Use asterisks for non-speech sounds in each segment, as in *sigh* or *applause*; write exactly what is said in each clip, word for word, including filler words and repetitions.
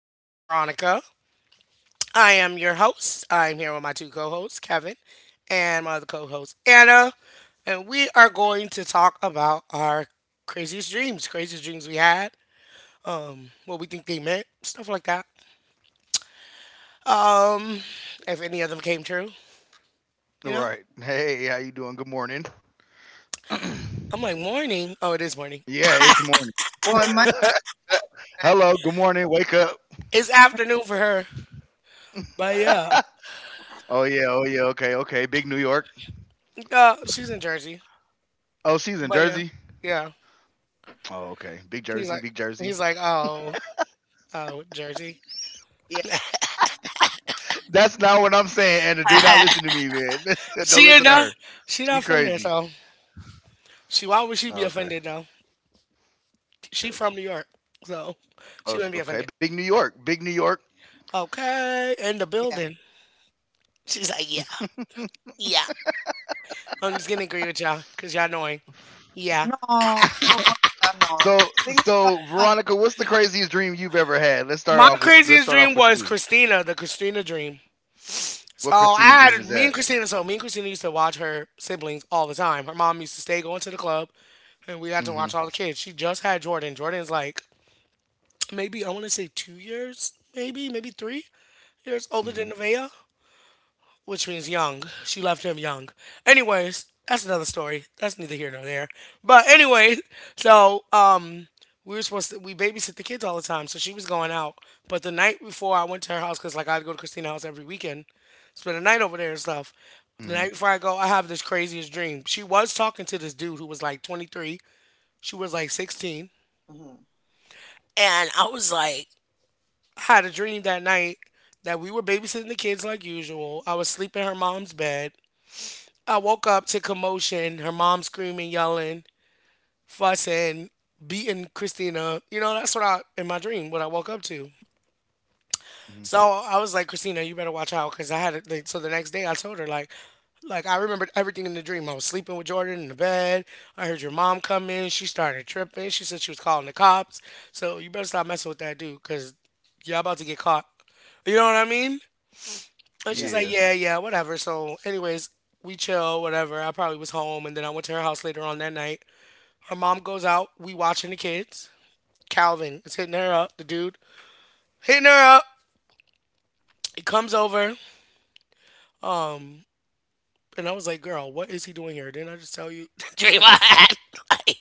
My name is Veronica. I am your host. I'm here with my two co-hosts, Kevin, and my other co-host, Anna, and we are going to talk about our craziest dreams, craziest dreams we had, what we think they meant, stuff like that. Um, if any of them came true, you know. I'm like morning. Oh, it is morning. It's afternoon for her. But yeah, uh, she's in Jersey. But yeah, yeah. He's like, he's like, oh, oh, Jersey. She ain't not. She not from there, so she. Why would she be offended though? She from New York, so she wouldn't be offended. Okay, in the building. She's like, yeah, yeah. I'm just gonna agree with y'all, cause y'all annoying. Yeah. My craziest dream was Christina, the Christina dream. So I had me and Christina. So me and Christina used to watch her siblings all the time. Her mom used to stay going to the club, and we had to watch all the kids. She just had Jordan. Jordan's like maybe I want to say two years, maybe maybe three years older than Nevaeh, which means young. She left him young. Anyways, that's another story. That's neither here nor there. But anyway, *laughs* so um, we were supposed to we babysit the kids all the time, so she was going out. But the night before I went to her house, cause like I'd go to Christina's house every weekend, spend a night over there and stuff. The night before I go, I have this craziest dream. She was talking to this dude who was like twenty-three. She was like sixteen. And I was like, I had a dream that night that we were babysitting the kids like usual. I was sleeping in her mom's bed. I woke up to commotion, her mom screaming, yelling, fussing, beating Christina. You know, that's what I, in my dream, what I woke up to. So I was like, Christina, you better watch out. Cause I had it. Like, so the next day I told her, like, like I remembered everything in the dream. I was sleeping with Jordan in the bed. I heard your mom come in. She started tripping. She said she was calling the cops. So you better stop messing with that dude. Cause y'all about to get caught. You know what I mean? And she's like, yeah, yeah, whatever. So, anyways, we chill, whatever. I probably was home, and then I went to her house later on that night. Her mom goes out. We watching the kids. Calvin is hitting her up. The dude hitting her up. He comes over. Um, and I was like, girl, what is he doing here? Didn't I just tell you, *laughs* Draymond? *laughs* Like,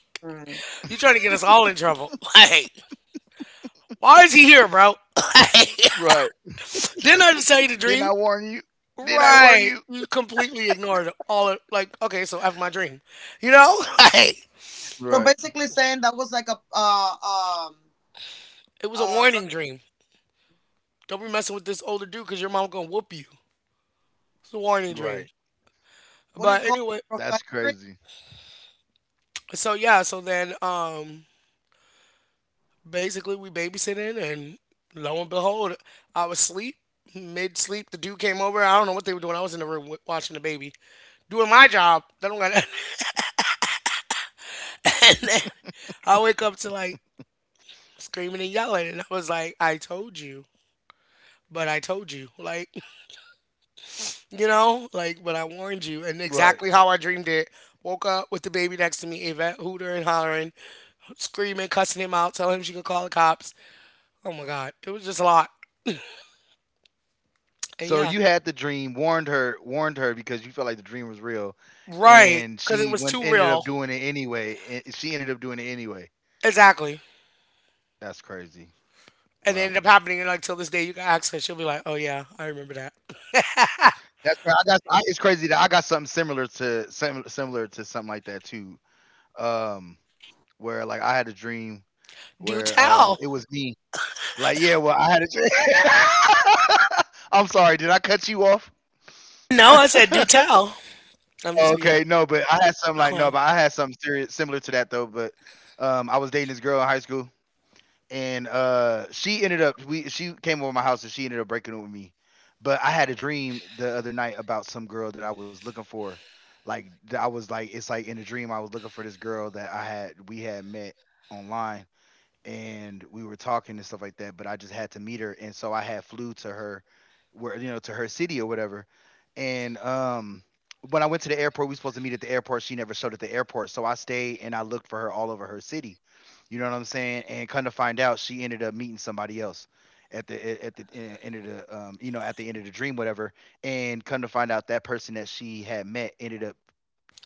you trying to get us all in trouble? *laughs* Like, why is he here, bro? *laughs* Like, didn't I just tell you to dream? Right. You completely ignored all of like, okay, so after my dream, you know, *laughs* like. It was a warning dream. Don't be messing with this older dude because your mom gonna whoop you. It's a warning dream. But anyway, so yeah, so then um basically we babysitting and lo and behold, I was asleep. Mid sleep, the dude came over. I don't know what they were doing. I was in the room w- watching the baby, doing my job. I don't got. *laughs* And then I wake up to like screaming and yelling, and I was like, "I told you, but I told you." Like you know, like, but I warned you, and exactly how I dreamed it. Woke up with the baby next to me, Yvette hooter and hollering, screaming, cussing him out, telling him she could call the cops. Oh my God. It was just a lot. And yeah, right. Because it was too real. Exactly. And it ended up happening, and like, till this day, you can ask her. She'll be like, oh yeah, I remember that. *laughs* Do tell. No, I said, do tell. I'm just being a clown.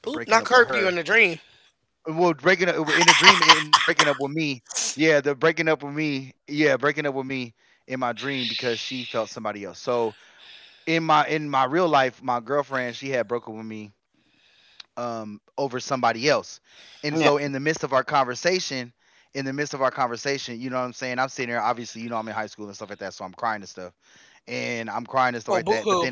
Oop, not curb you in the dream. Oh, boo hoo.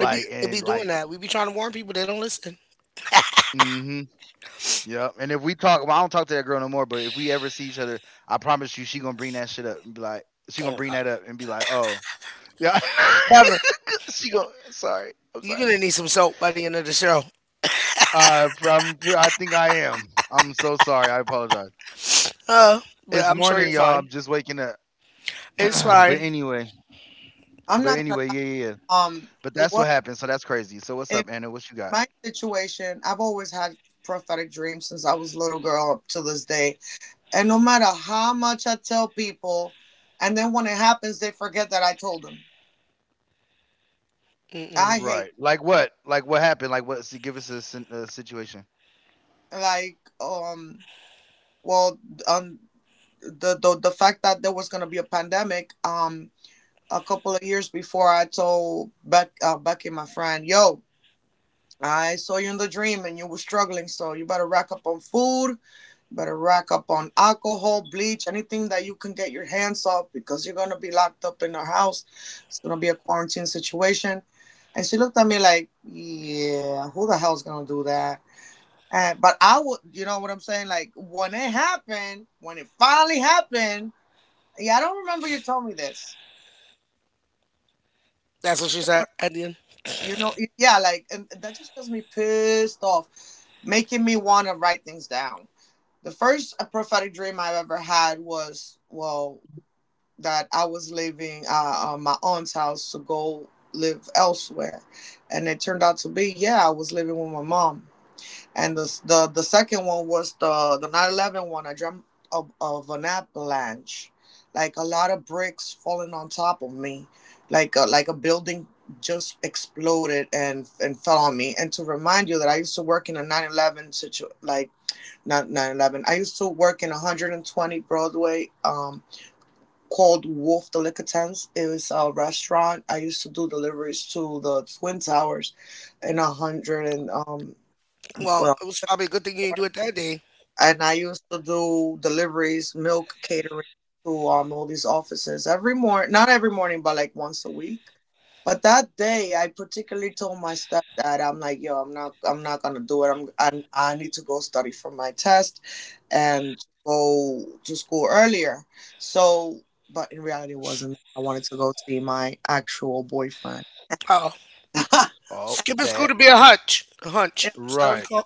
It be, it be doing that. We be trying to warn people, they don't listen. Oh my God. Kevin. You're gonna need some soap by the end of the show. Uh, but I'm sure you're fine. It's fine. Mm-mm. That's what she said at the end. Well, it was probably a good thing you didn't do it that day. Uh, oh, skipping school to be a hunch. A hunch. Is that what it's called?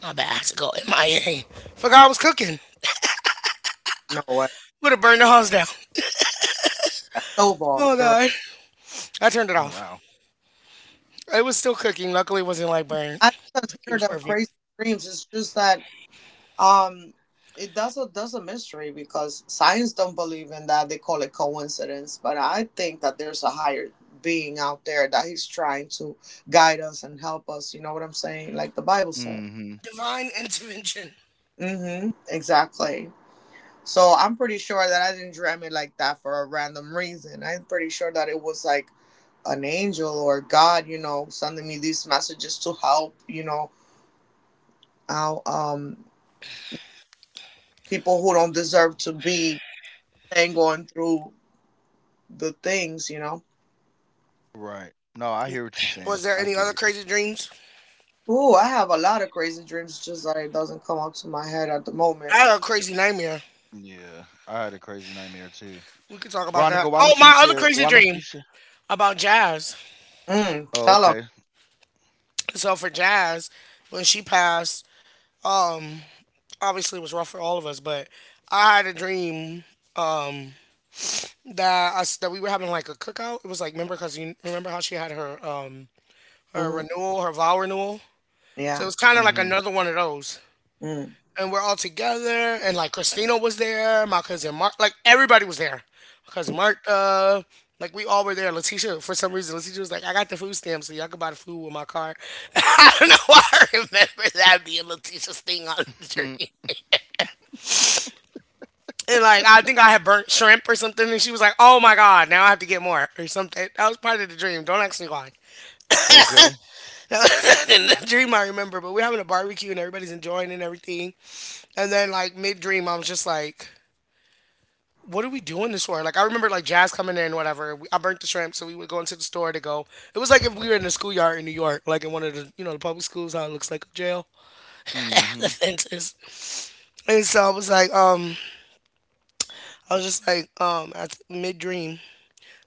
My bad. I had to go M I A. Forgot I was cooking. Would have burned the house down. Oh god. I turned it off. It was still cooking. Luckily, it wasn't like burn. It was perfect. Divine intervention. Was there any other crazy dreams? I had a crazy nightmare. We could talk about that. Oh, my other crazy dream about jazz. So for Jazz, when she passed, um, obviously it was rough for all of us, but I had a dream um that us that we were having like a cookout. It was like remember because you remember how she had her um her renewal, her vow renewal. So it was kind of like another one of those. And we're all together and like Christina was there, my cousin Mark, like everybody was there. My cousin Mark, uh, like we all were there. Letitia, for some reason, Letitia was like, I got the food stamp, so y'all can buy the food with my card. *laughs* I don't know why I remember that being Letitia's thing on the journey. And like I think I had burnt shrimp or something, and she was like, "Oh my god, now I have to get more or something." That was part of the dream. Don't ask me why. *laughs* That was in the dream I remember, but we're having a barbecue and everybody's enjoying and everything. And then like mid dream, I was just like, what are we doing this for? Like I remember like Jazz coming in, whatever. We, I burnt the shrimp, so we would go into the store to go. It was like if we were in a schoolyard in New York, like in one of the you know the public schools, how it looks like a jail, *laughs* the fences. And so I was like, um, I was just like, um, at mid dream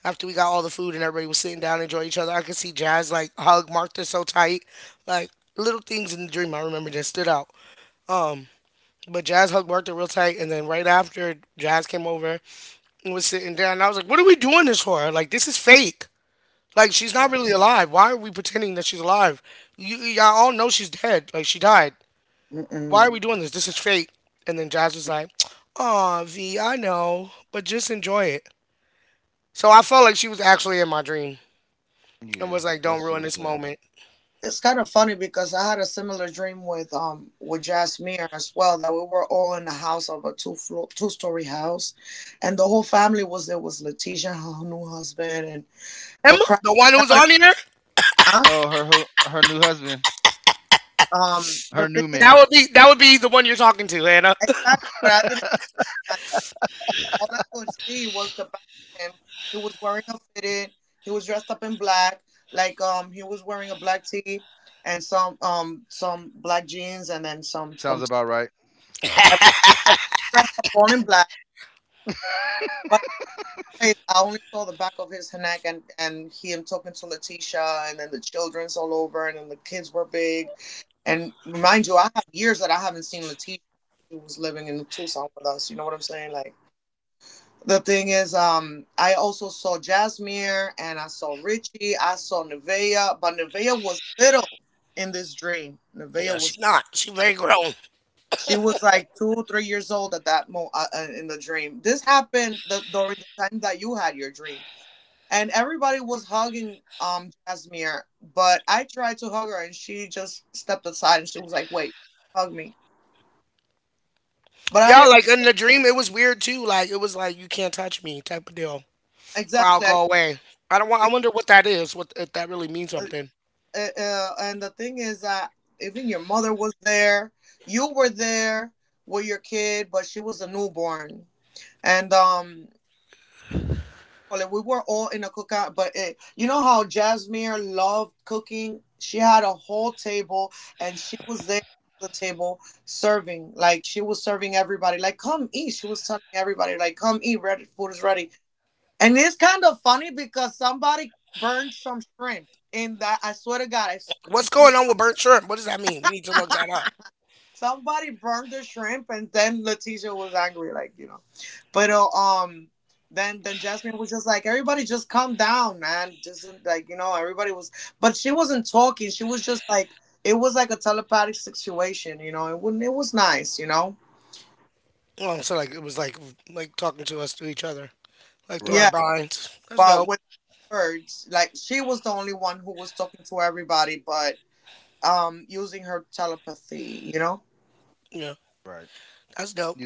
after we got all the food and everybody was sitting down enjoying each other, I could see Jazz like hug Martha so tight, like little things in the dream I remember that stood out. Um, but Jazz hugged Martha real tight, and then right after Jazz came over and was sitting down, and I was like, "What are we doing this for? Like this is fake." Like she's not really alive. Why are we pretending that she's alive? You y'all all know she's dead. Like she died. Why are we doing this? This is fate. And then Jazz was like, "Aw, V, I know, but just enjoy it." So I felt like she was actually in my dream and was like, "Don't ruin this moment." Emma, the one who was on here, that would be that would be the one you're talking to, Hannah. *laughs* Yeah, she not. She very grown. Y'all like in the dream, it was weird too. Like it was like you can't touch me type of deal. Or I'll go away. I don't want. I wonder what that is. What if that really means something? What's going on with burnt shrimp? What does that mean? We need to look that up. Oh, so like it was like like talking to us to each other, like through our blinds. That's dope. Yeah, that's dope.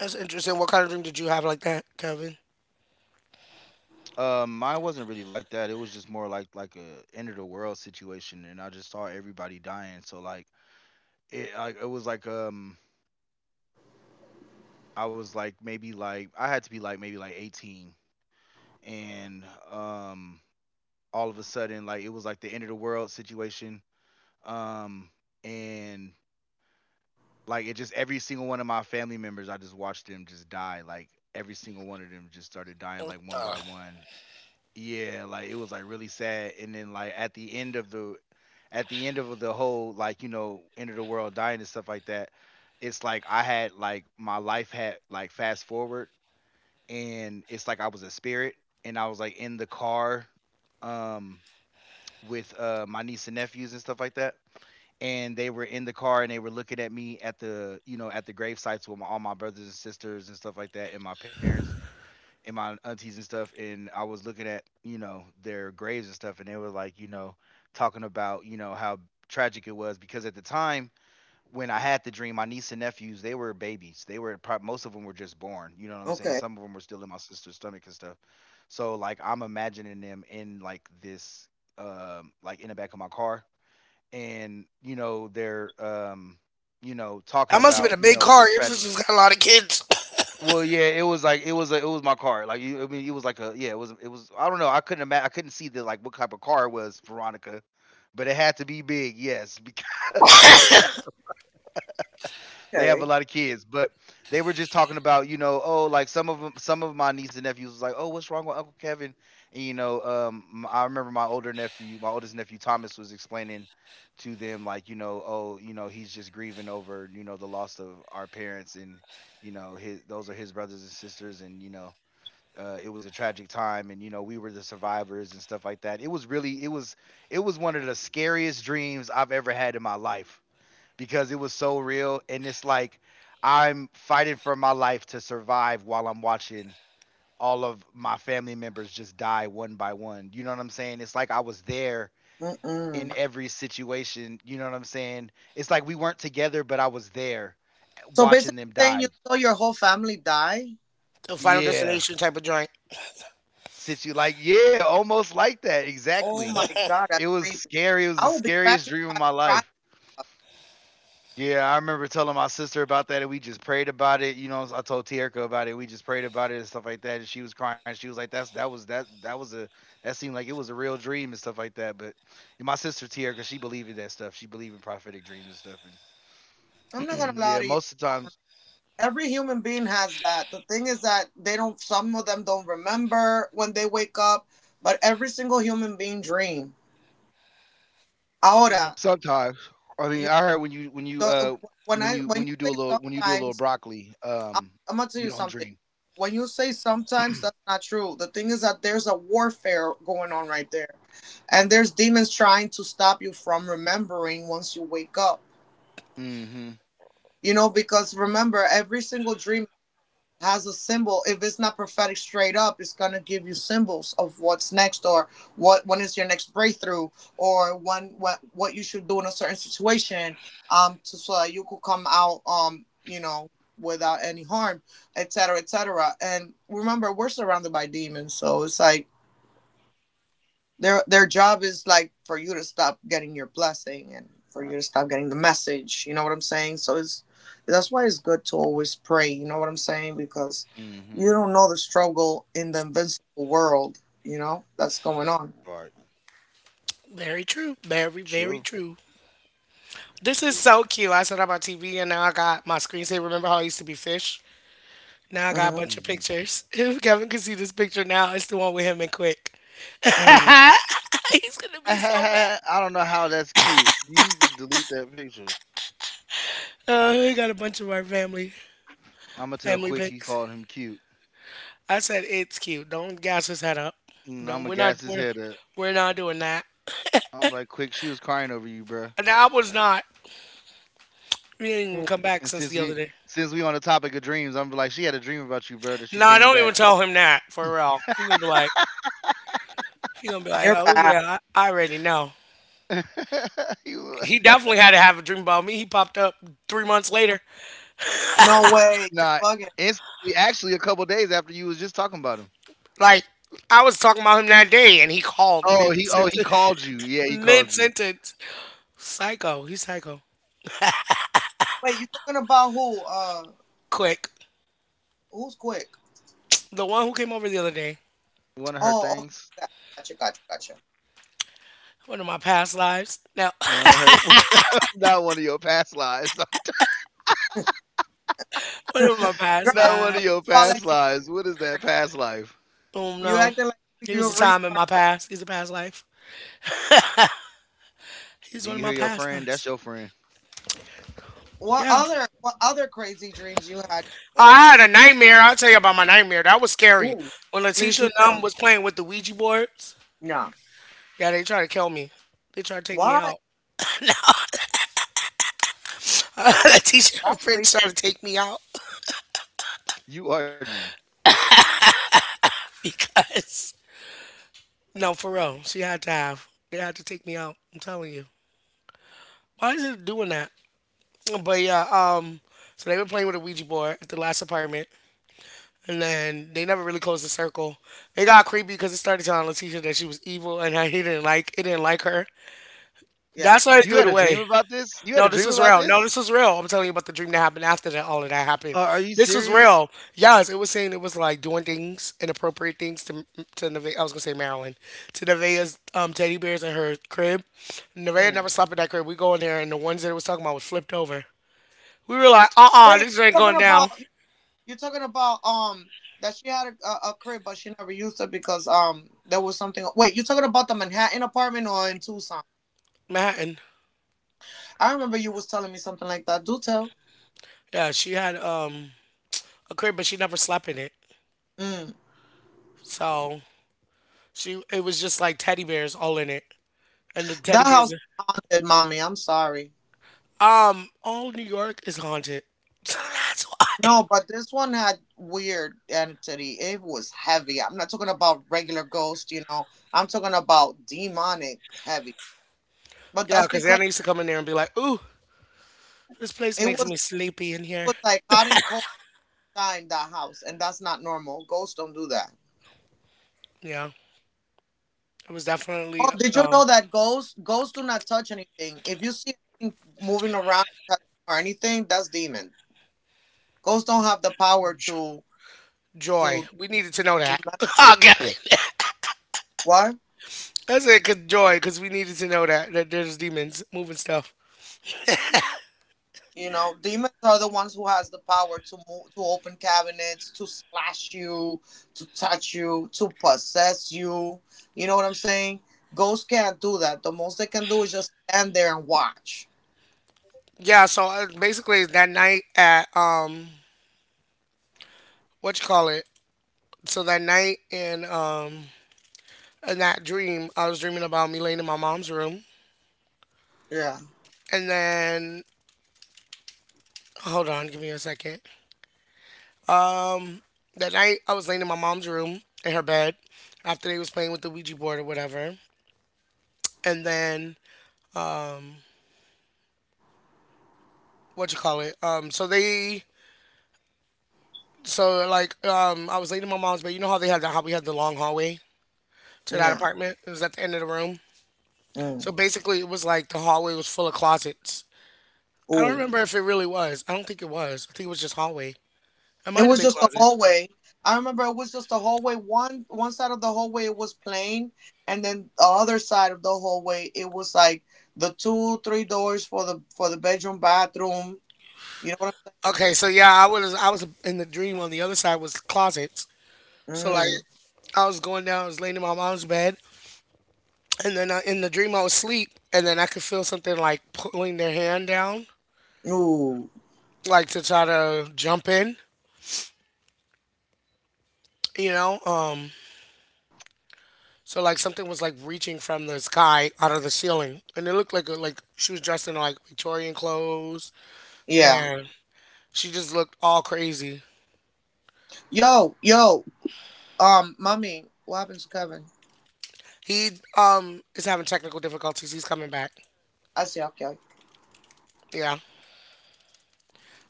That's interesting. What kind of dream did you have like that, Kevin? What the? That must have been a big car. Your sister's got a lot of kids. *laughs* *coughs* The final destination type of joint. Yeah. Very true. Very, very true. This is so cute. I set up my T V and now I got my screensaver. Remember how I used to be fish? Now I got a bunch of pictures. *laughs* If Kevin could see this picture now, it's the one with him and Quick. *laughs* He's gonna be so mad. Uh, we got a bunch of our family family pics. I said it's cute. Don't gas his head up. Don't. We're not. We're we're not doing that. And I was not. We didn't even come back since the other day. No, don't even tell him that for real. He's gonna be like. He's gonna be like, oh yeah, I, I already know. He definitely had to have a dream about me. He popped up three months later. Like I was talking about him that day, and he called mid sentence. mid sentence. *laughs* Psycho. He's psycho. Quick. The one who came over the other day. One of my past lives now. *laughs* One of my past lives. Oh no, he was a time in my past. He's a past life. He's one of my past lives. Yeah. I had a nightmare. I'll tell you about my nightmare. That was scary. When Letitia Numb was playing with the Ouija boards, yeah, they tried to kill me. They tried to take me out. *laughs* Letitia and Prince tried to take me out *laughs* because No, for real. She had to have. They had to take me out. I'm telling you. Why is it doing that? But yeah, um, so they were playing with a Ouija board at the last apartment, and then they never really closed the circle. It got creepy because it started telling Letitia that she was evil, and I he didn't like it. Didn't like her. That's why they threw it away. No, this was real. No, this was real. I'm telling you about the dream that happened after that. All of that happened. This was real. Yes, it was saying it was like doing things, inappropriate things to to Nevaeh. I was gonna say Marilyn. To Nevaeh's um, teddy bears in her crib. Nevaeh never slept in that crib. We go in there, and the ones that it was talking about was flipped over. We were like, uh, uh this ain't going down. Manhattan. Yeah, she had um a crib, but she never slept in it. So she, it was just like teddy bears all in it, and the teddy bears. Um, all New York is haunted. *laughs* So that's why. Yeah, because Anna used to come in there and be like, ooh, this place makes me sleepy in here. Yeah, it was definitely um joy. We needed to know that. *laughs* Oh, Kevin. *laughs* That's it, good joy, because we needed to know that, that there's demons moving stuff. Yeah, so uh, basically that night at, um, what you call it? so that night in, um, in that dream, I was dreaming about me laying in my mom's room. And then, hold on, give me a second. That night I was laying in my mom's room in her bed after they was playing with the Ouija board or whatever. And then what you call it? Um, so they so like um I was laying in my mom's bed. You know how they had the how we had the long hallway to that apartment? It was at the end of the room. So basically it was like the hallway was full of closets. I don't remember if it really was. I don't think it was. I think it was just hallway. It might have been closets. Okay, so yeah, I was I was in the dream. On the other side was closets. So like I was going down, I was laying in my mom's bed, and then I, in the dream I was asleep, and then I could feel something like pulling their hand down, like to try to jump in, you know. Um, so like something was like reaching from the sky out of the ceiling, and it looked like a, like she was dressed in like Victorian clothes, and she just looked all crazy. He um is having technical difficulties. He's coming back. Yeah,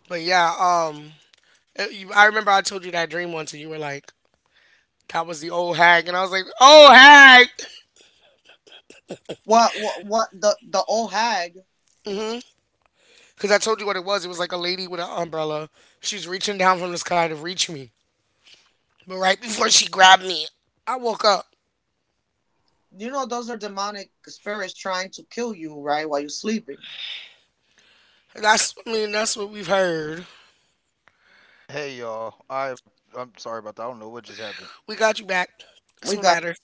but yeah. Um, it- you, I remember I told you that dream once, and you were like, "That was the old hag," and I was like, "Old hag." *laughs* Because I told you what it was. It was like a lady with an umbrella. She's reaching down from the sky to reach me. But right before she grabbed me, I woke up. And That's, I mean, that's what we've heard. Hey y'all, I I'm We got sorry you about that. I back. don't know what just That's what happened. matters.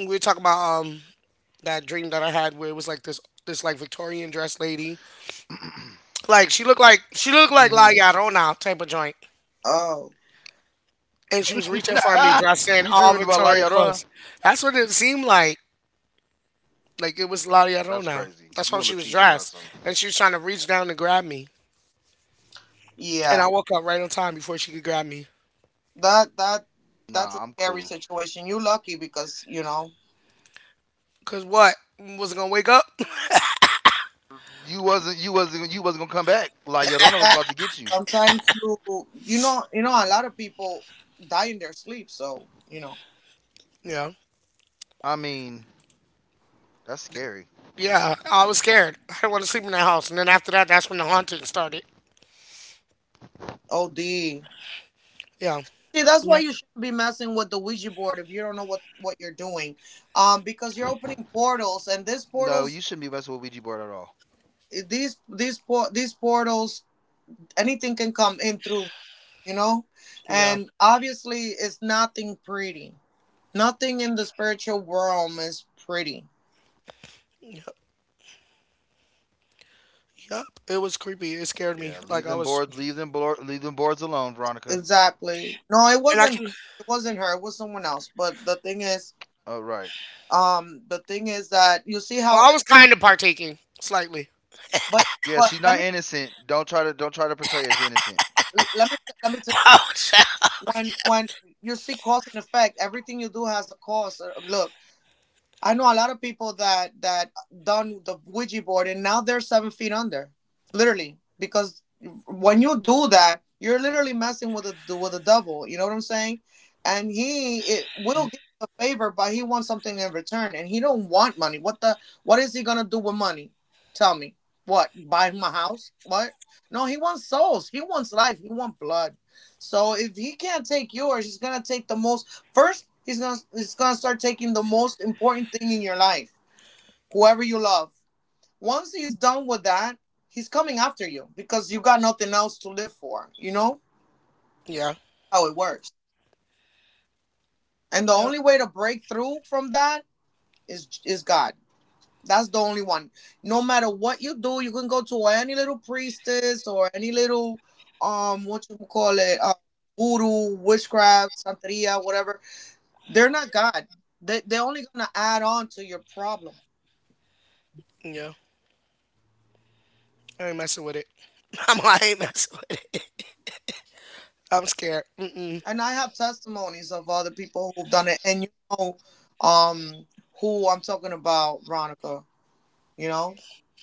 We were talking about um that dream that I had where it was like this this like Victorian dress lady. *clears throat* Like she looked like she looked like mm La Llorona type of joint. And she was reaching for me hmm dressed in *laughs* You all dreaming about La Victorian Llorona? clothes. That's what it seemed like. Like it was La Llorona. That's That's crazy. how she You was and Letitia dressed. got some. And she was trying to reach down to grab me. And I woke up right on time before she could grab me. Nah, I'm cool. Cause what? Wasn't gonna wake up? *laughs* You wasn't you wasn't you wasn't gonna come back. La Llorona was about to get you. Yeah. I mean, that's Yeah, scary. I was scared. I didn't want to sleep in that house. And then after that, that's when the haunting started. Yeah. Yeah. No, you shouldn't be messing with Ouija board at all. Yeah. Yep. Yep, it was creepy. It scared me. Yeah, leave Like I them was board, leave them board, leave them boards alone, Veronica. and I can. All right. Well, I was kinda partaking. Slightly. Yeah, she's not innocent. Don't try to don't try to portray her as innocent. *laughs* Oh, shit. Okay. Yeah. Yeah. Yeah. I ain't messing with it. *laughs* I'm like, I ain't messing with it. I'm scared. Mm mm.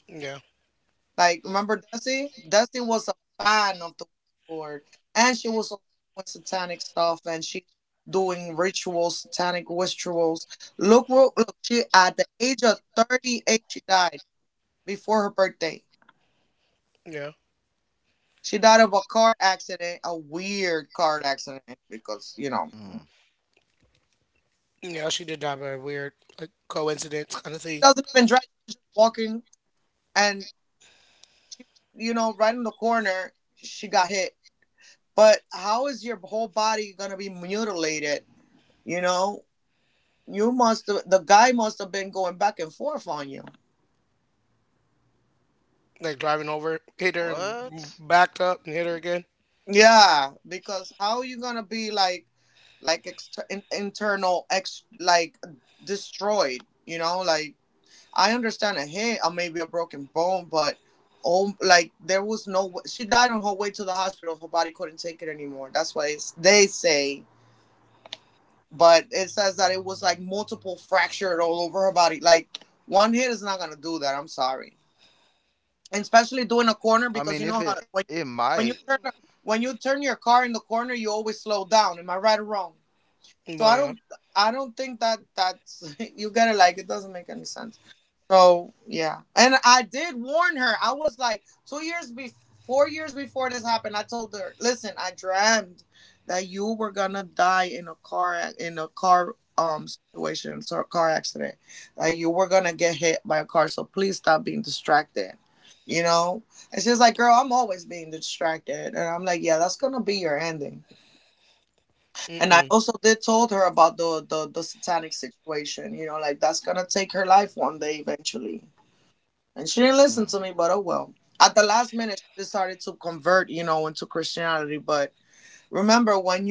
Yeah. Yeah. Mm. Yeah, she did die by a weird like coincidence kind of thing. Like driving over, hit her and What? backed up and hit her again. I mean, if it it might. Boy, yeah. Mm-mm. Mm.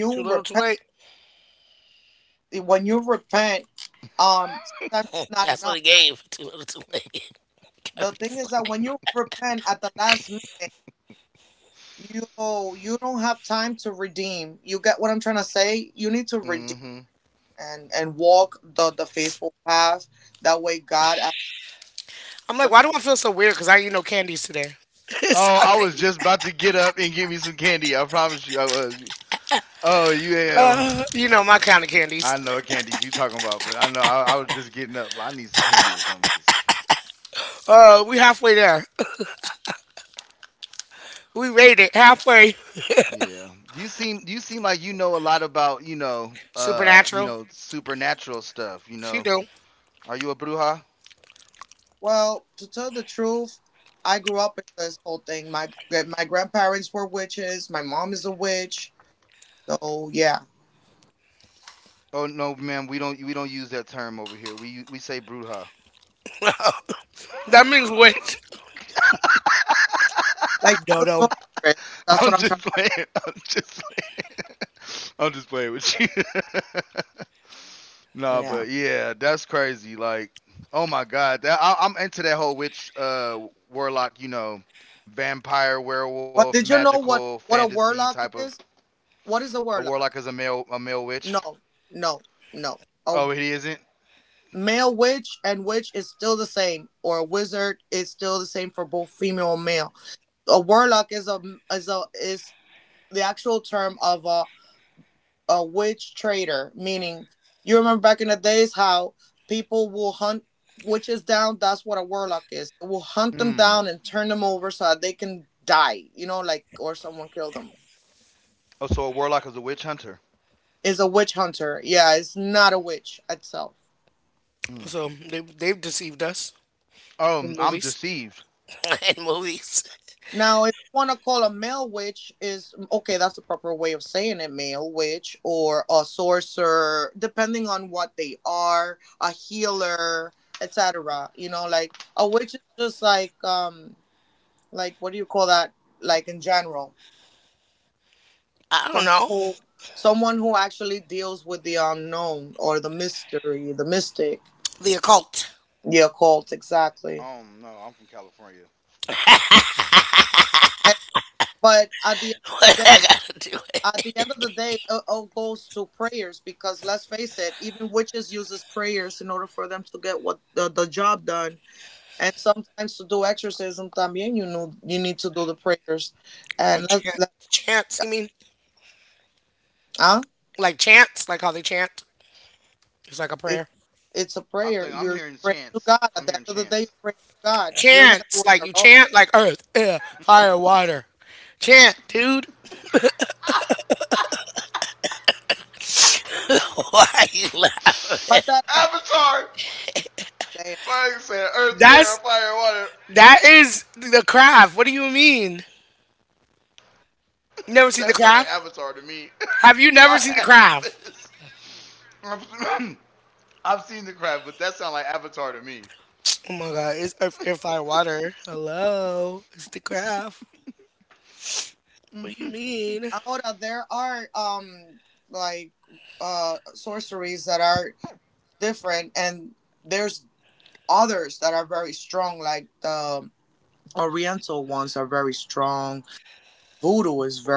Too little, too late. Hmm. I'm like, why do I feel so weird? Because I eat no candies today. *laughs* Oh, Sorry. I was just about to get up and get me some candy. I promise you, I was. Oh, you am. Uh, you know my kind of *laughs* candies. I know what candies you talking about, but I know I, I was just getting up. I need some candy or something. 'Cause- Uh, we halfway there. *laughs* We made it halfway. Yeah, you seem you seem like you know a lot about you know uh you Supernatural. know supernatural stuff. You She know, do. Are you a bruja? Oh no, ma'am, we don't we don't use that term over here. We we say bruja. *laughs* That means witch. Dodo. *laughs* I'm just playing. I'm just playing. I'm just playing with you. *laughs* No, but yeah, that's crazy. Like, oh my god, that I, I'm into that whole witch, uh, warlock. You know, vampire, werewolf, magical, fantasy type of. A warlock is a male, a male witch. Oh, he isn't. Hmm. Oh, so a warlock is a witch hunter. Hmm. So they, they've deceived us Oh, in I'm movies. deceived. *laughs* In movies. I don't know. Oh no, I'm from California. Like chant, chants. You mean like chants? Like how they chant? It's like a prayer. I think I'm hearing chance. I'm hearing chance. Chants like you chant, like earth, air, fire, water. Chant, dude. *laughs* Why you laugh? Avatar. Like I said, earth, air, fire, That's water. that is the craft. What do you mean? *laughs* That sounds like You never seen Avatar the to me. craft? *laughs* I had Have you never seen the this. craft? *coughs* I've, *clears throat* I've seen the crab, but that sounds like Avatar to me. Oh my god, it's earth, air, fire, water. Hello, it's the craft. What do you mean? Oriental.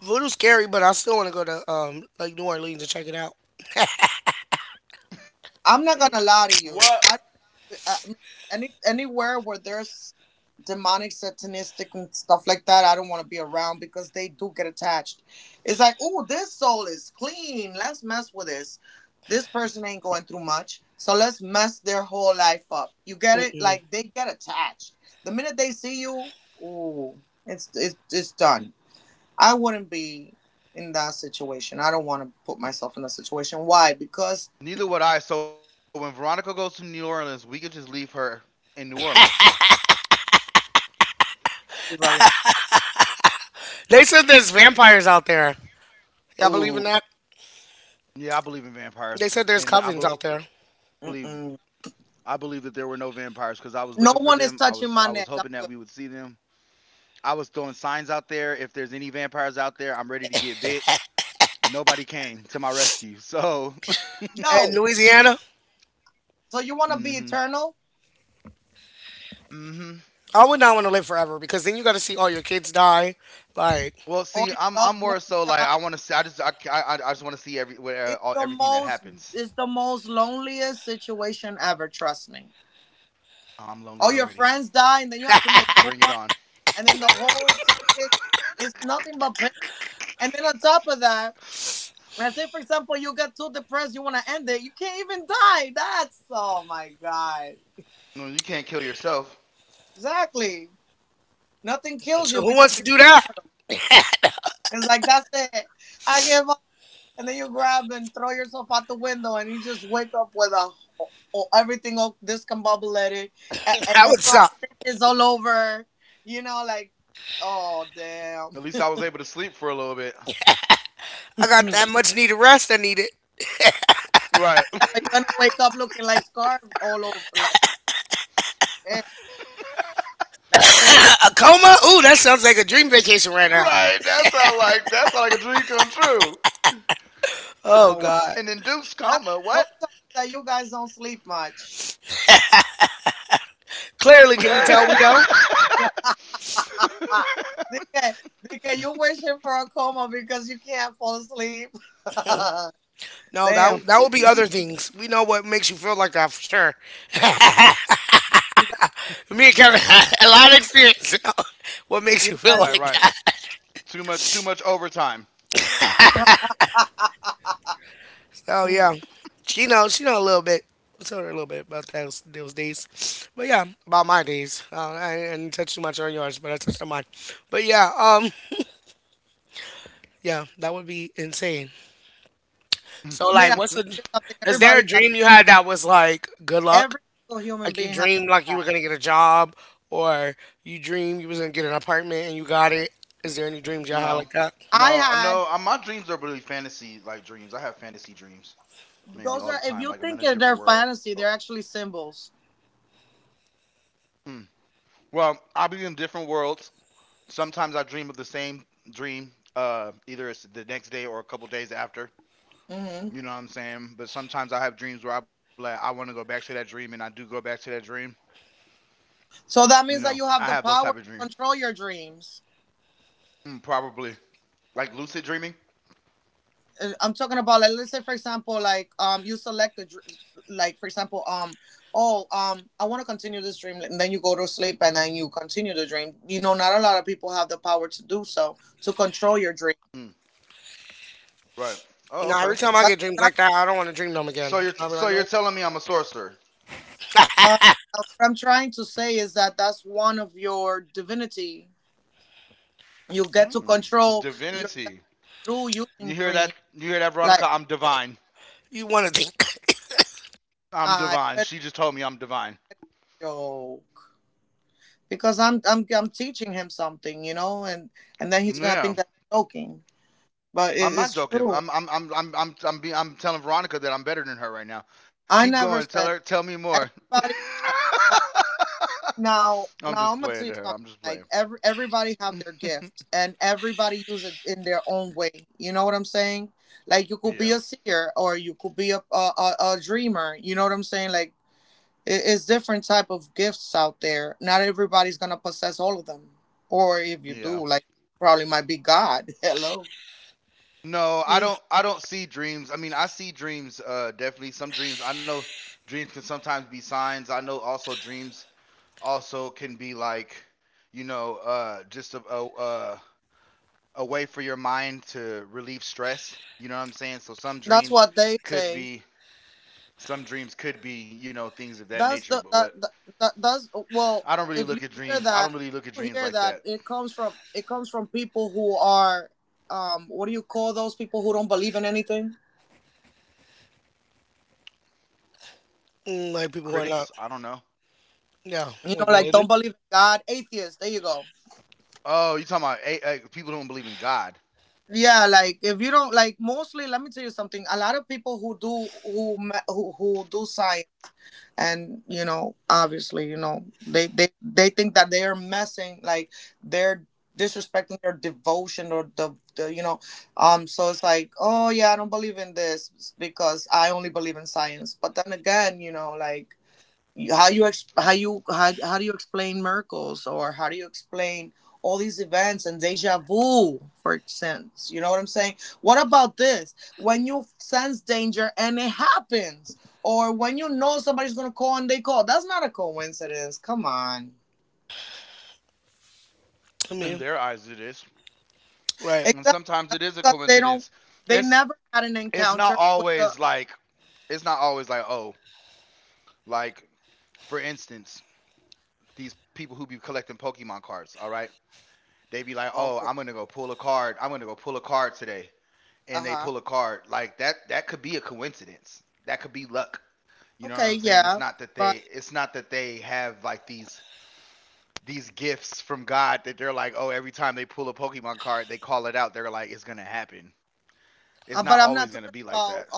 Voodoo's scary, but I still want to go to um like New Orleans and check it out. What? Neither would I. So when Veronica goes to New Orleans, we could just leave her in New Orleans. They said there's vampires out there. Y'all believe in that? Yeah, I believe in They vampires, said there's and I covens out believe there. I believe that there were no vampires because I was looking for them. I was I was hoping that we would see them. I was throwing signs out there. If there's any vampires out there, I'm ready to get bit. Nobody came to my rescue. So, *laughs* And Louisiana? mm-hmm, mm-hmm. I would not want to live forever because then you got to see all your kids die. Like, Well, see, I'm I'm more so like I want to see. I just I, I, I just want to see every where, uh, all, everything that happens. Oh, I'm lonely already. Bring it on. No, you can't kill yourself. so who wants to do that? *laughs* That would suck. At least I was able to sleep for a little bit. I got that much needed rest. I need it. Right. *laughs* Right. A coma? Ooh, that sounds like a dream vacation right now. That sound like that sound like a dream come true. Oh God. An induced coma. What? Clearly, can you tell we don't? No, that that would be *laughs* *laughs* other things. We know what makes you feel like that for sure. Me and Kevin *laughs* had a lot of experience. *laughs* What makes you Like feel like right. that? Too much too much overtime. Oh yeah, she knows. She know a little bit. I told her a little bit about those those days, but yeah, about my days. Uh, I, I didn't touch too much on yours, but I touched on mine. But yeah, um, yeah, that would be insane. So like, what's a? *laughs* Is there a dream you had that was like good luck? Like you dreamed like you were gonna get a job, or you dreamed you was gonna get an apartment and you got it. Is there any dreams y'all had No, like that? no, no. uh, My dreams are really fantasy like dreams. I have fantasy dreams mainly all the time. Like I'm in a different world. Hmm. Well, I'll be in different worlds. Sometimes I dream of the same dream. Uh, either it's the next day or a couple days after. You know what I'm saying? But sometimes I have dreams where I'm like, I want to go back to that dream, and I do go back to that dream. You know, I have those type of dreams. Mm, probably like lucid dreaming. Mm, right. Oh, No, okay. every time I get dreams like that, I don't want to dream them again. So you're I'll be so like, you're nope. telling me I'm a sorcerer? *laughs* Hmm. Divinity. You hear that? You hear that, Veronica? I'm divine. You want to think. *laughs* I'm divine. She just told me I'm divine. Yeah. I'm not joking. I'm I'm I'm I'm I'm I'm, be, I'm telling Veronica that I'm better than her right now. Keep going. Tell her. Tell me more. *laughs* I'm just playing to her. I'm just playing. Yeah. Yeah. No, I don't. Mm, I don't see dreams. I mean, I see dreams. Uh, definitely some dreams. I know dreams can sometimes be signs. I know also dreams also can be like, you know, uh, just a, a uh, a way for your mind to relieve stress. You know what I'm saying? So some dreams could be some dreams could be, you know, things of that nature, but what I don't really look at dreams. I don't really look at dreams like that. mm, like people who Critics, are I not. don't know. Yeah, like religious. Oh, you talking about eh, eh, people who don't believe in God. I In mean, their eyes it is. right. And sometimes it is a coincidence. It's it's not always like it's not always like, oh, like for instance, these people who be collecting Pokemon cards, all right? They be like, "Oh, I'm gonna go pull a card. I'm gonna go pull a card today." And they pull a card like that. That could be a coincidence. That could be luck. You know what I'm saying? It's not that they it's not that they have like these these gifts from God that they're like, oh, every time they pull a Pokemon card they call it out. They're like, it's gonna happen. It's not always gonna be like that.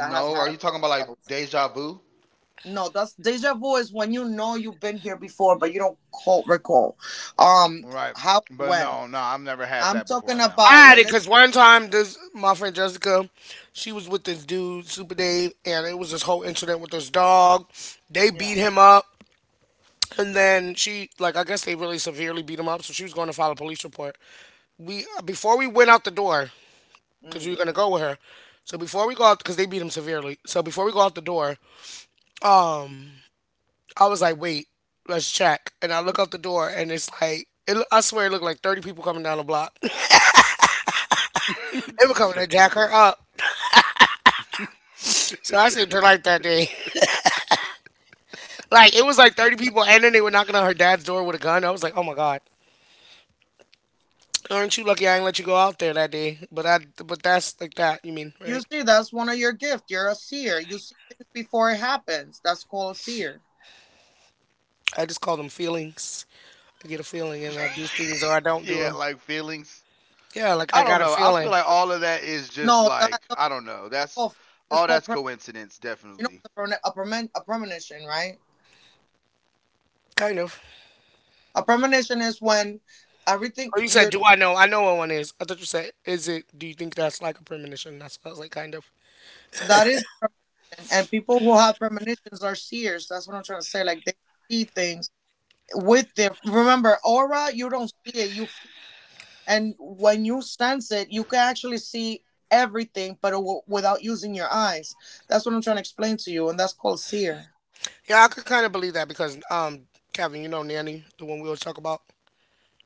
No, are you talking about like deja vu? Right. But no no, I've never had that before. No. I had it because one time this my friend Jessica, she was with this dude Super Dave, and it was this whole incident with this dog. They beat him up, and then she like I guess they really severely beat him up, so she was going to file a police report. We before we went out the door because we were gonna go with her. So before we go out, because they beat him severely. So before we go out the door, um, I was like, wait, let's check. And I look out the door, and it's like, it, lo- I swear, it looked like thirty people coming down the block. *laughs* They *laughs* were coming to Shut jack the. her up. So I saved her life that day. *laughs* Like it was like thirty people, and then they were knocking on her dad's door with a gun. I was like, oh my god, aren't you lucky I ain't let you go out there that day? But I, but that's like that. You mean, right? I just call them feelings. I get a feeling, and I Fuck. do things or I don't do Yeah, them. like feelings. Yeah, like I I got don't a know. I feel feeling, like all of that is just like, I don't know. That's all that's coincidence, definitely. kind of. Oh, you said, do I know? I know what one is. I thought you said, is it? Do you think that's like a premonition? That's I was like, kind of. Yeah, I could kind of believe that because um, Kevin, you know Nanny, the one we always talk about.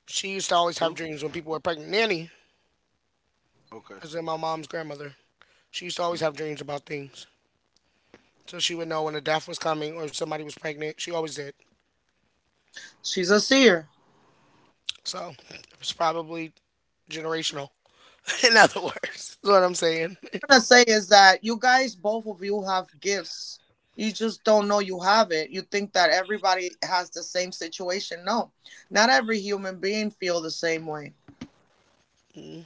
She used to always have Who? dreams when people were pregnant. Nanny Okay. is in my mom's grandmother. She used to always have dreams about things. So she would know when a death was coming or if somebody was pregnant. She always did. So it was probably generational, *laughs* in other words. Is what I'm saying. Mm,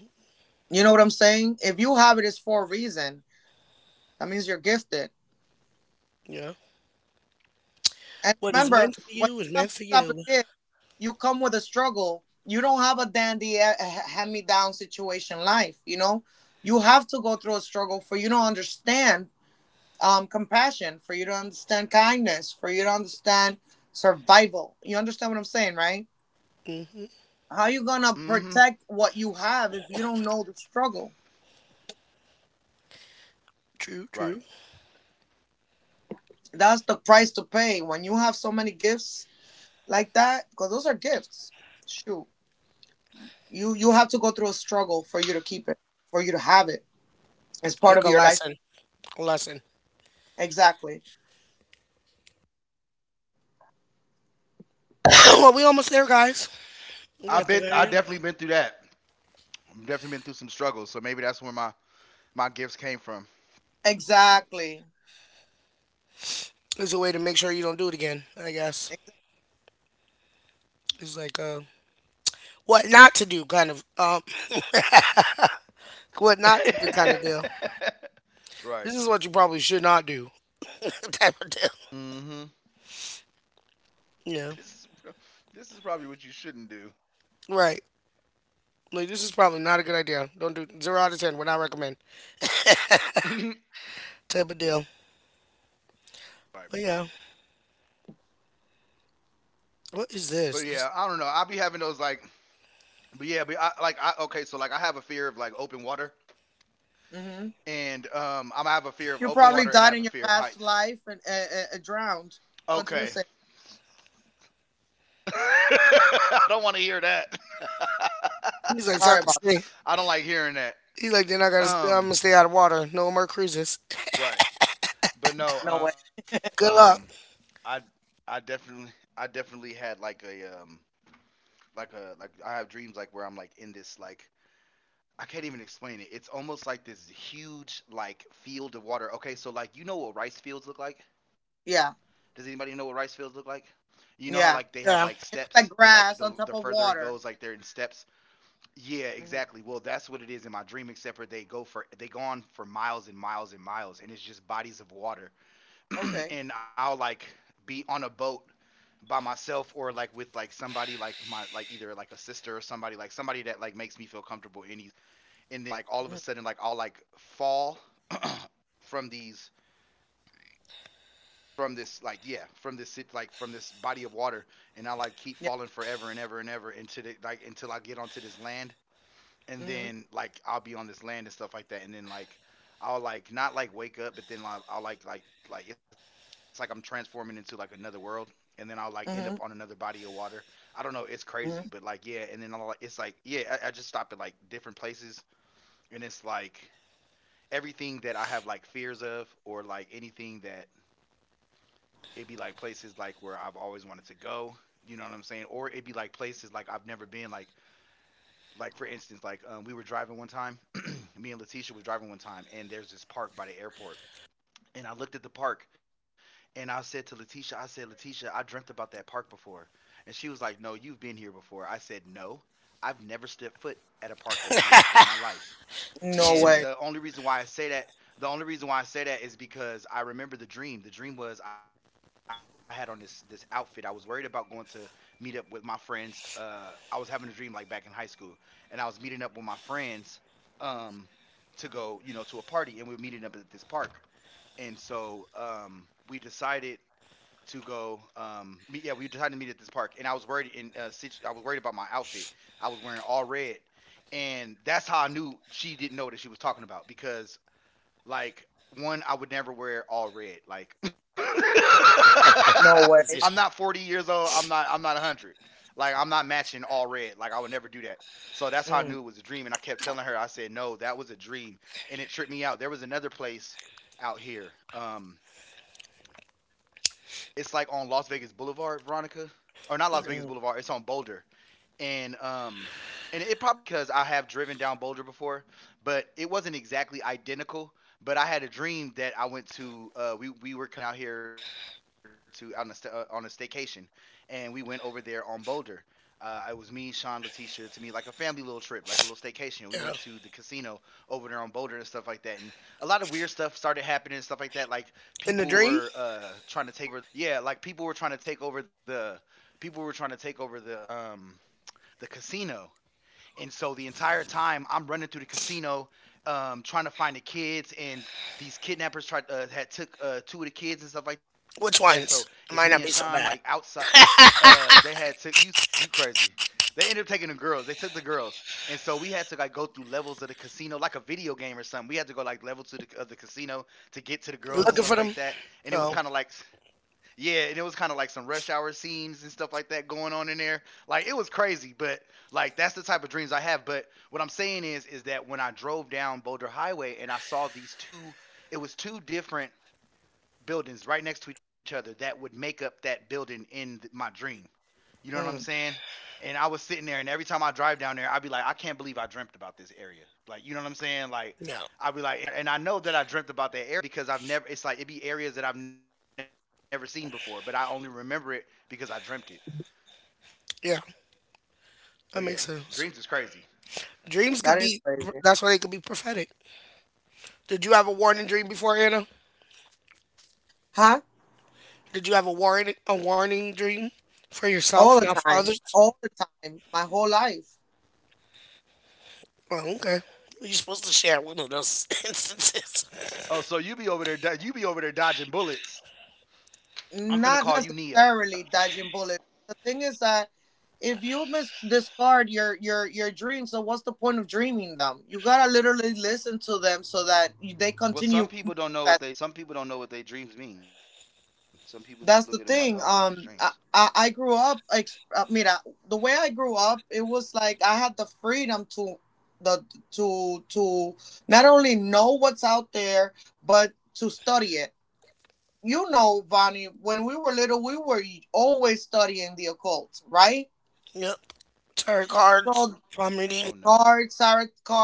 yeah. What is meant for you is meant for you. Hmm. Mm-hmm. Right. True, true. Like a lesson. A lesson. *coughs* *clears throat* Well, we almost there, guys. I've been. I We at the definitely been very through end. that. I've definitely been through some struggles. So maybe that's where my my gifts came from. It's a way to make sure you don't do it again, I guess. It's like a what not to do kind of um *laughs* what not to do kind of deal. *laughs* This is what you Right. probably should not do *laughs* type of deal. Mm-hmm. this is Yeah. this is probably what you shouldn't do. Right. Like this is probably not a good idea. Don't do zero out of ten. Would not recommend. *laughs* Type of deal. Right. But yeah, what is But yeah, this? I don't know. I'll be having those like. But yeah, but I like I okay. So like I have a fear of like open water. And um, I'm, have a fear of open water and I have a fear of heights. Okay. *laughs* I don't want to hear that. *laughs* He's like talking shit. I don't like hearing that. He's like, then I gotta, st- I'm gonna Um, stay out of water. No more cruises. right. But no, um, Good luck. I, I definitely, I definitely had like a, um, like a, like I have dreams like where I'm like in this like I can't even explain it. It's almost like this huge like field of water. Okay, so like you know what rice fields look like? Does anybody know what rice fields look like? You know how like they have like Yeah. steps and like the the further it goes, like they're in steps. Yeah, exactly. Well, that's what it is in my dream. Except for they go for they go on for miles and miles and miles, and it's just bodies of water. *clears throat* And I'll like be on a boat by myself or like with like somebody like my like either like a sister or somebody like somebody that like makes me feel comfortable in these, and then like all of a sudden like I'll like fall from these from this like yeah from this like from this body of water, and I like keep falling forever and ever and ever into the like until I get onto this land. And then like I'll be on this land and stuff like that. And then like I'll like not like wake up, but then i'll, I'll like like like it's like I'm transforming into like another world. And then I'll like end up on another body of water. I don't know, it's crazy, but like yeah. And then I'll, like, it's like yeah I, I just stop at like different places, and it's like everything that I have like fears of, or like anything that it'd be like places like where I've always wanted to go. You know what I'm saying? Or it'd be like places like I've never been. Like like for instance, like um, we were driving one time. *clears throat* Me and Letitia was driving one time, and there's this park by the airport. And I looked at the park, and I said to Letitia, I said, Letitia, I dreamt about that park before. And she was like, no, you've been here before. I said, no, I've never stepped foot at a park over here before in my life. *laughs* She's a real And the only reason why I say that, the only reason why I say that is because I remember the dream. The dream was I had on this this outfit. I was worried about going to meet up with my friends. Uh, I was having a dream like back in high school, and I was meeting up with my friends, um, to go, you know, to a party, and we were meeting up at this park. And so um, we decided to go. Um, meet, yeah, we decided to meet at this park, and I was worried. In uh, situ- I was worried about my outfit. I was wearing all red, and that's how I knew she didn't know that she was talking about because, like, one, I would never wear all red. Like, *laughs* I'm position. not forty years old. I'm not. I'm not one hundred. Like, I'm not matching all red. Like, I would never do that. So that's how I knew it was a dream. And I kept telling her, I said, no, that was a dream, and it tripped me out. There was another place out here. Um, it's like on Las Vegas Boulevard, Veronica, or not Las Vegas Boulevard. It's on Boulder and um and it probably because I have driven down Boulder before, but it wasn't exactly identical. But I had a dream that I went to. Uh, we we were coming out here to on a sta- uh, on a staycation, and we went over there on Boulder. Uh, it was me, Sean, Letitia, to me like a family little trip, like a little staycation. We went Yeah. to the casino over there on Boulder and stuff like that, and a lot of weird stuff started happening and stuff like that. Like In the people dream, were uh, trying to take over. Th- Yeah, like people were trying to take over the people were trying to take over the um the casino. And so the entire time I'm running through the casino, um, trying to find the kids, and these kidnappers tried uh, had took uh, two of the kids and stuff like which that. So ones? It it's might me not and be so Sean bad. like outside. Uh, uh, *laughs* they had took you you crazy. They ended up taking the girls. They took the girls, and so we had to like go through levels of the casino, like a video game or something. We had to go like level to the of the casino to get to the Looking girls for and them? stuff like that. Oh, And it was kind of like, yeah, and it was kind of like some rush hour scenes and stuff like that going on in there. Like it was crazy, but like that's the type of dreams I have. But what I'm saying is, is that when I drove down Boulder Highway and I saw these two, it was two different buildings right next to each other that would make up that building in my dream. You know what I'm saying? And I was sitting there, and every time I drive down there, I'd be like, I can't believe I dreamt about this area. Like, you know what I'm saying? no. Like, I'd be like, and I and I know that I dreamt about that area because I've never. It's like it'd be areas that I've never seen before, but I only remember it because I dreamt it. Yeah, But that yeah, makes sense. dreams is crazy. Dreams could be. That's why they could be prophetic. Did you have a warning dream before, Anna? Did you have a warning a warning dream for yourself, not for others? Oh, okay. You're supposed to share one of those *laughs* instances. Oh, so you be over there, you be over there dodging bullets. I'm finna call you Neo. Well, some people don't know what they some people don't know what they dreams mean. Some people just look at them like, oh, they're just dreams. Yep. Tarot cards, Oh palm no, reading. oh no.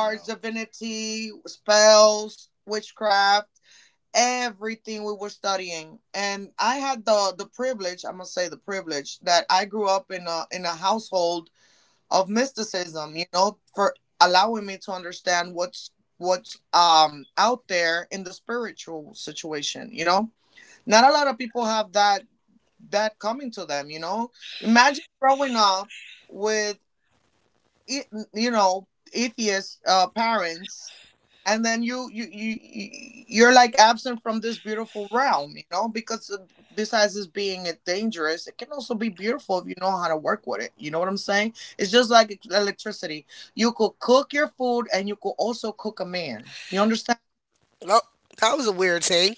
Nope. That was a weird thing.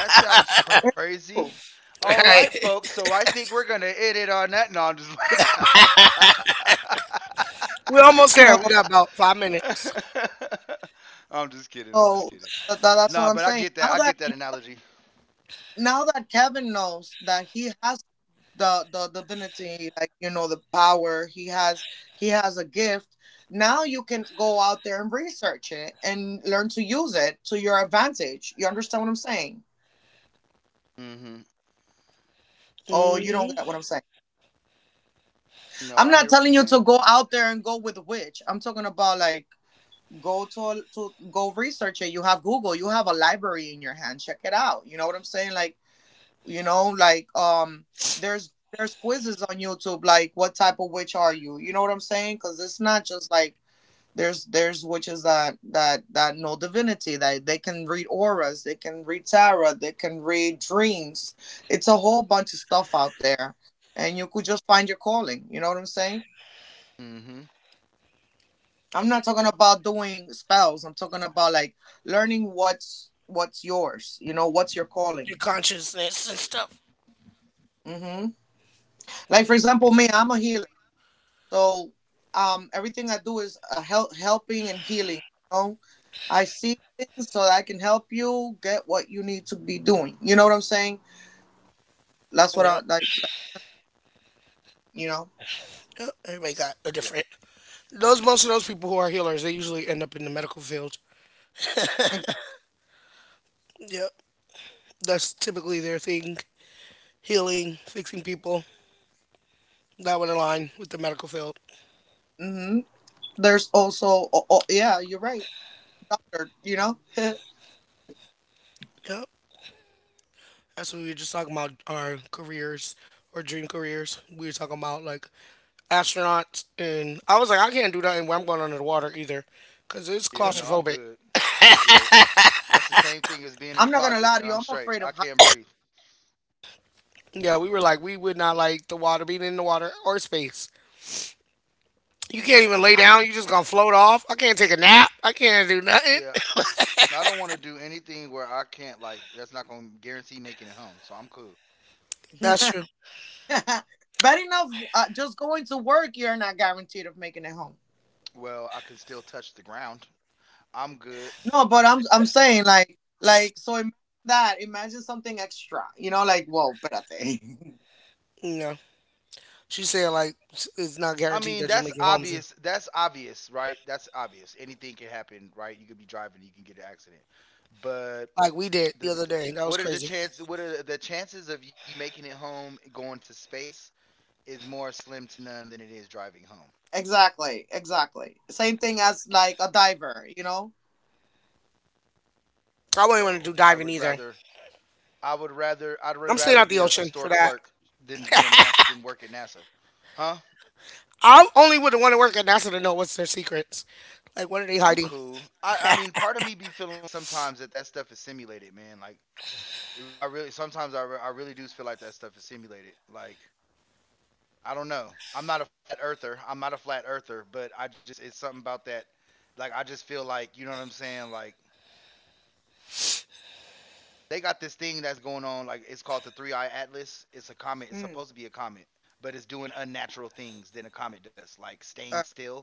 That All sounds crazy. All right, right. folks. So I think we're gonna end it on that. No, I'm just. *laughs* We're almost there. We got about five minutes. *laughs* I'm just kidding. I'm just kidding. Nah, but I get that. I get that analogy. Mm-hmm. Hmm. No, I hear what you're saying. Mm-hmm. Your consciousness and Right. stuff. Yep. Yep. Everybody Yeah. got a different. Those most of those people who are healers, they usually end up in the medical field. Yep. That's typically their thing. Healing, fixing people. That would align with the medical field. Yep. That's what we were just talking about our careers or dream careers. We were talking about like astronauts, and I was like, I can't do nothing where I'm going under the water either because it's Yeah, no, I'm claustrophobic. good. I'm good. That's the same thing as being in the closet, and I'm straight. I can't breathe. Yeah, we were like, we would not like the water, being in the water or space. You can't even lay Yeah, down, you just gonna float off. I can't take a nap, I can't do nothing. yeah. I don't want to do anything where I can't like. That's not gonna guarantee making it home. So I'm cool. That's true. Well, I can still touch the ground. I'm good. No. She said, like, it's it's not I guaranteed mean, that you that's make it home. obvious. That's obvious, right? That's obvious. Anything can happen, right? You could be driving, you can get an accident. But Like we did the this, other day. That what was are the crazy. chances? What are the chances of you making it home going to space is more slim to none than it is driving home. I wouldn't So want to I do would diving rather either. I would rather I would rather I'm be staying out a, a the store ocean for clerk that. than be a NASA than work at NASA. Huh? I only would want to work at NASA to know what's their secrets. Like, what are they I'm hiding? cool. I I mean, part of me be feeling like sometimes that that stuff is simulated, man. Like it re- I really sometimes I, re- I really do feel like that stuff is simulated. Like I don't know. I'm not a flat earther. I'm not a flat earther, but I just it's something about that. Like I just feel like you know what I'm saying. Like they got this thing that's going on like it's called the three eye atlas. It's a comet. It's supposed to be a comet, but it's doing unnatural things than a comet does, like staying still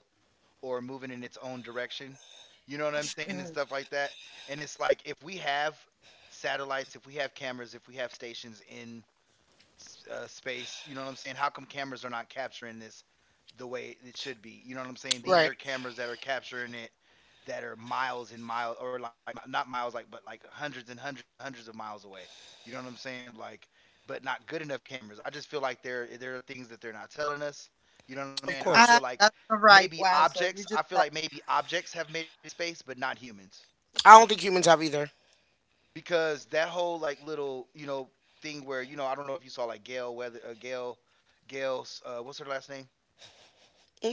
or moving in its own direction. You know what I'm saying? And stuff like that. And it's like if we have satellites, if we have cameras, if we have stations in s- uh, space. You know what I'm saying? How come cameras are not capturing this the way it should be? You know what I'm saying? These are Right. cameras that are capturing it that are miles and miles, or like mi- not miles, like but like hundreds and hundreds and hundreds of miles away. You know what I'm saying? Like, but not good enough cameras. I just feel like there there are things that they're not telling us. You know what I'm Of saying? I feel course. like maybe objects. I feel like maybe objects have made it to space, but not humans I don't think humans have either. because that whole like little you know thing where you know I don't know if you saw like Gail whether uh, Gail Gail's uh, what's her last name.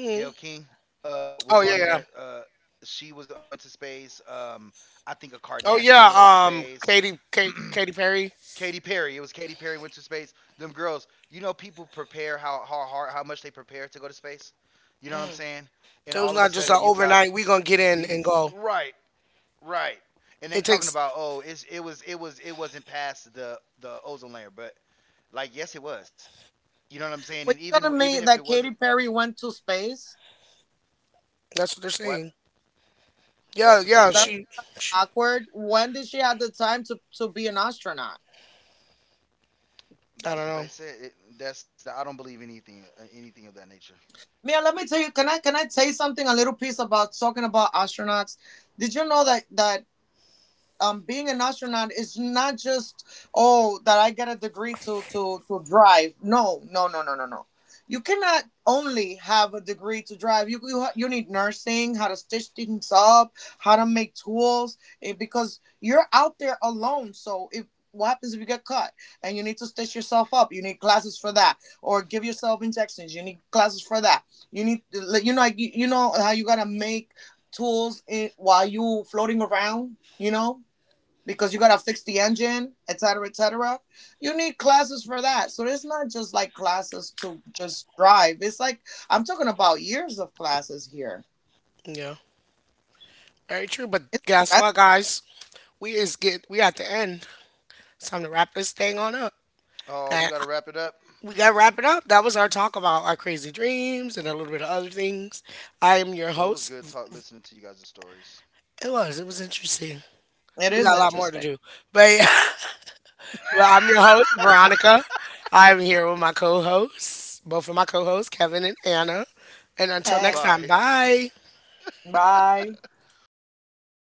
Gail King uh, was Oh on yeah, there. yeah. Uh, she was uh, went to space. Um, I think a Oh Kardashian yeah. went to Um, space. Katy, *clears throat* Kate, Katy Perry. Katy Perry. It was Katy Perry went to space. Them girls. You know people prepare how how hard how much they prepare to go to space. You know what I'm saying? And So all it's of a not just sudden an you got overnight. We gonna get in and these go. right, right. And they talking It about takes. oh, it's it was it was it wasn't past the the ozone layer, but like yes, it was. You know what I'm saying? And even even if it wasn't, That's what they're what saying. that's what Yeah, they yeah. said. She, she. I That's don't what they know. said. It, that's I don't believe anything uh, anything of that nature. Yeah. Very true. But guess what, guys? We is get. We at the end. It's time to wrap this thing on up. Oh, we gotta And wrap it up. we got to wrap it up. That was our talk about our crazy dreams and a little bit of other things. I am your Well, it was good talk host. listening to you guys' stories. It was. It was interesting. We got a lot more to do. But, *laughs* but I'm your host, *laughs* Veronica. I'm here with my co hosts, both of my co hosts, Kevin and Anna. And until next Bye. time, bye.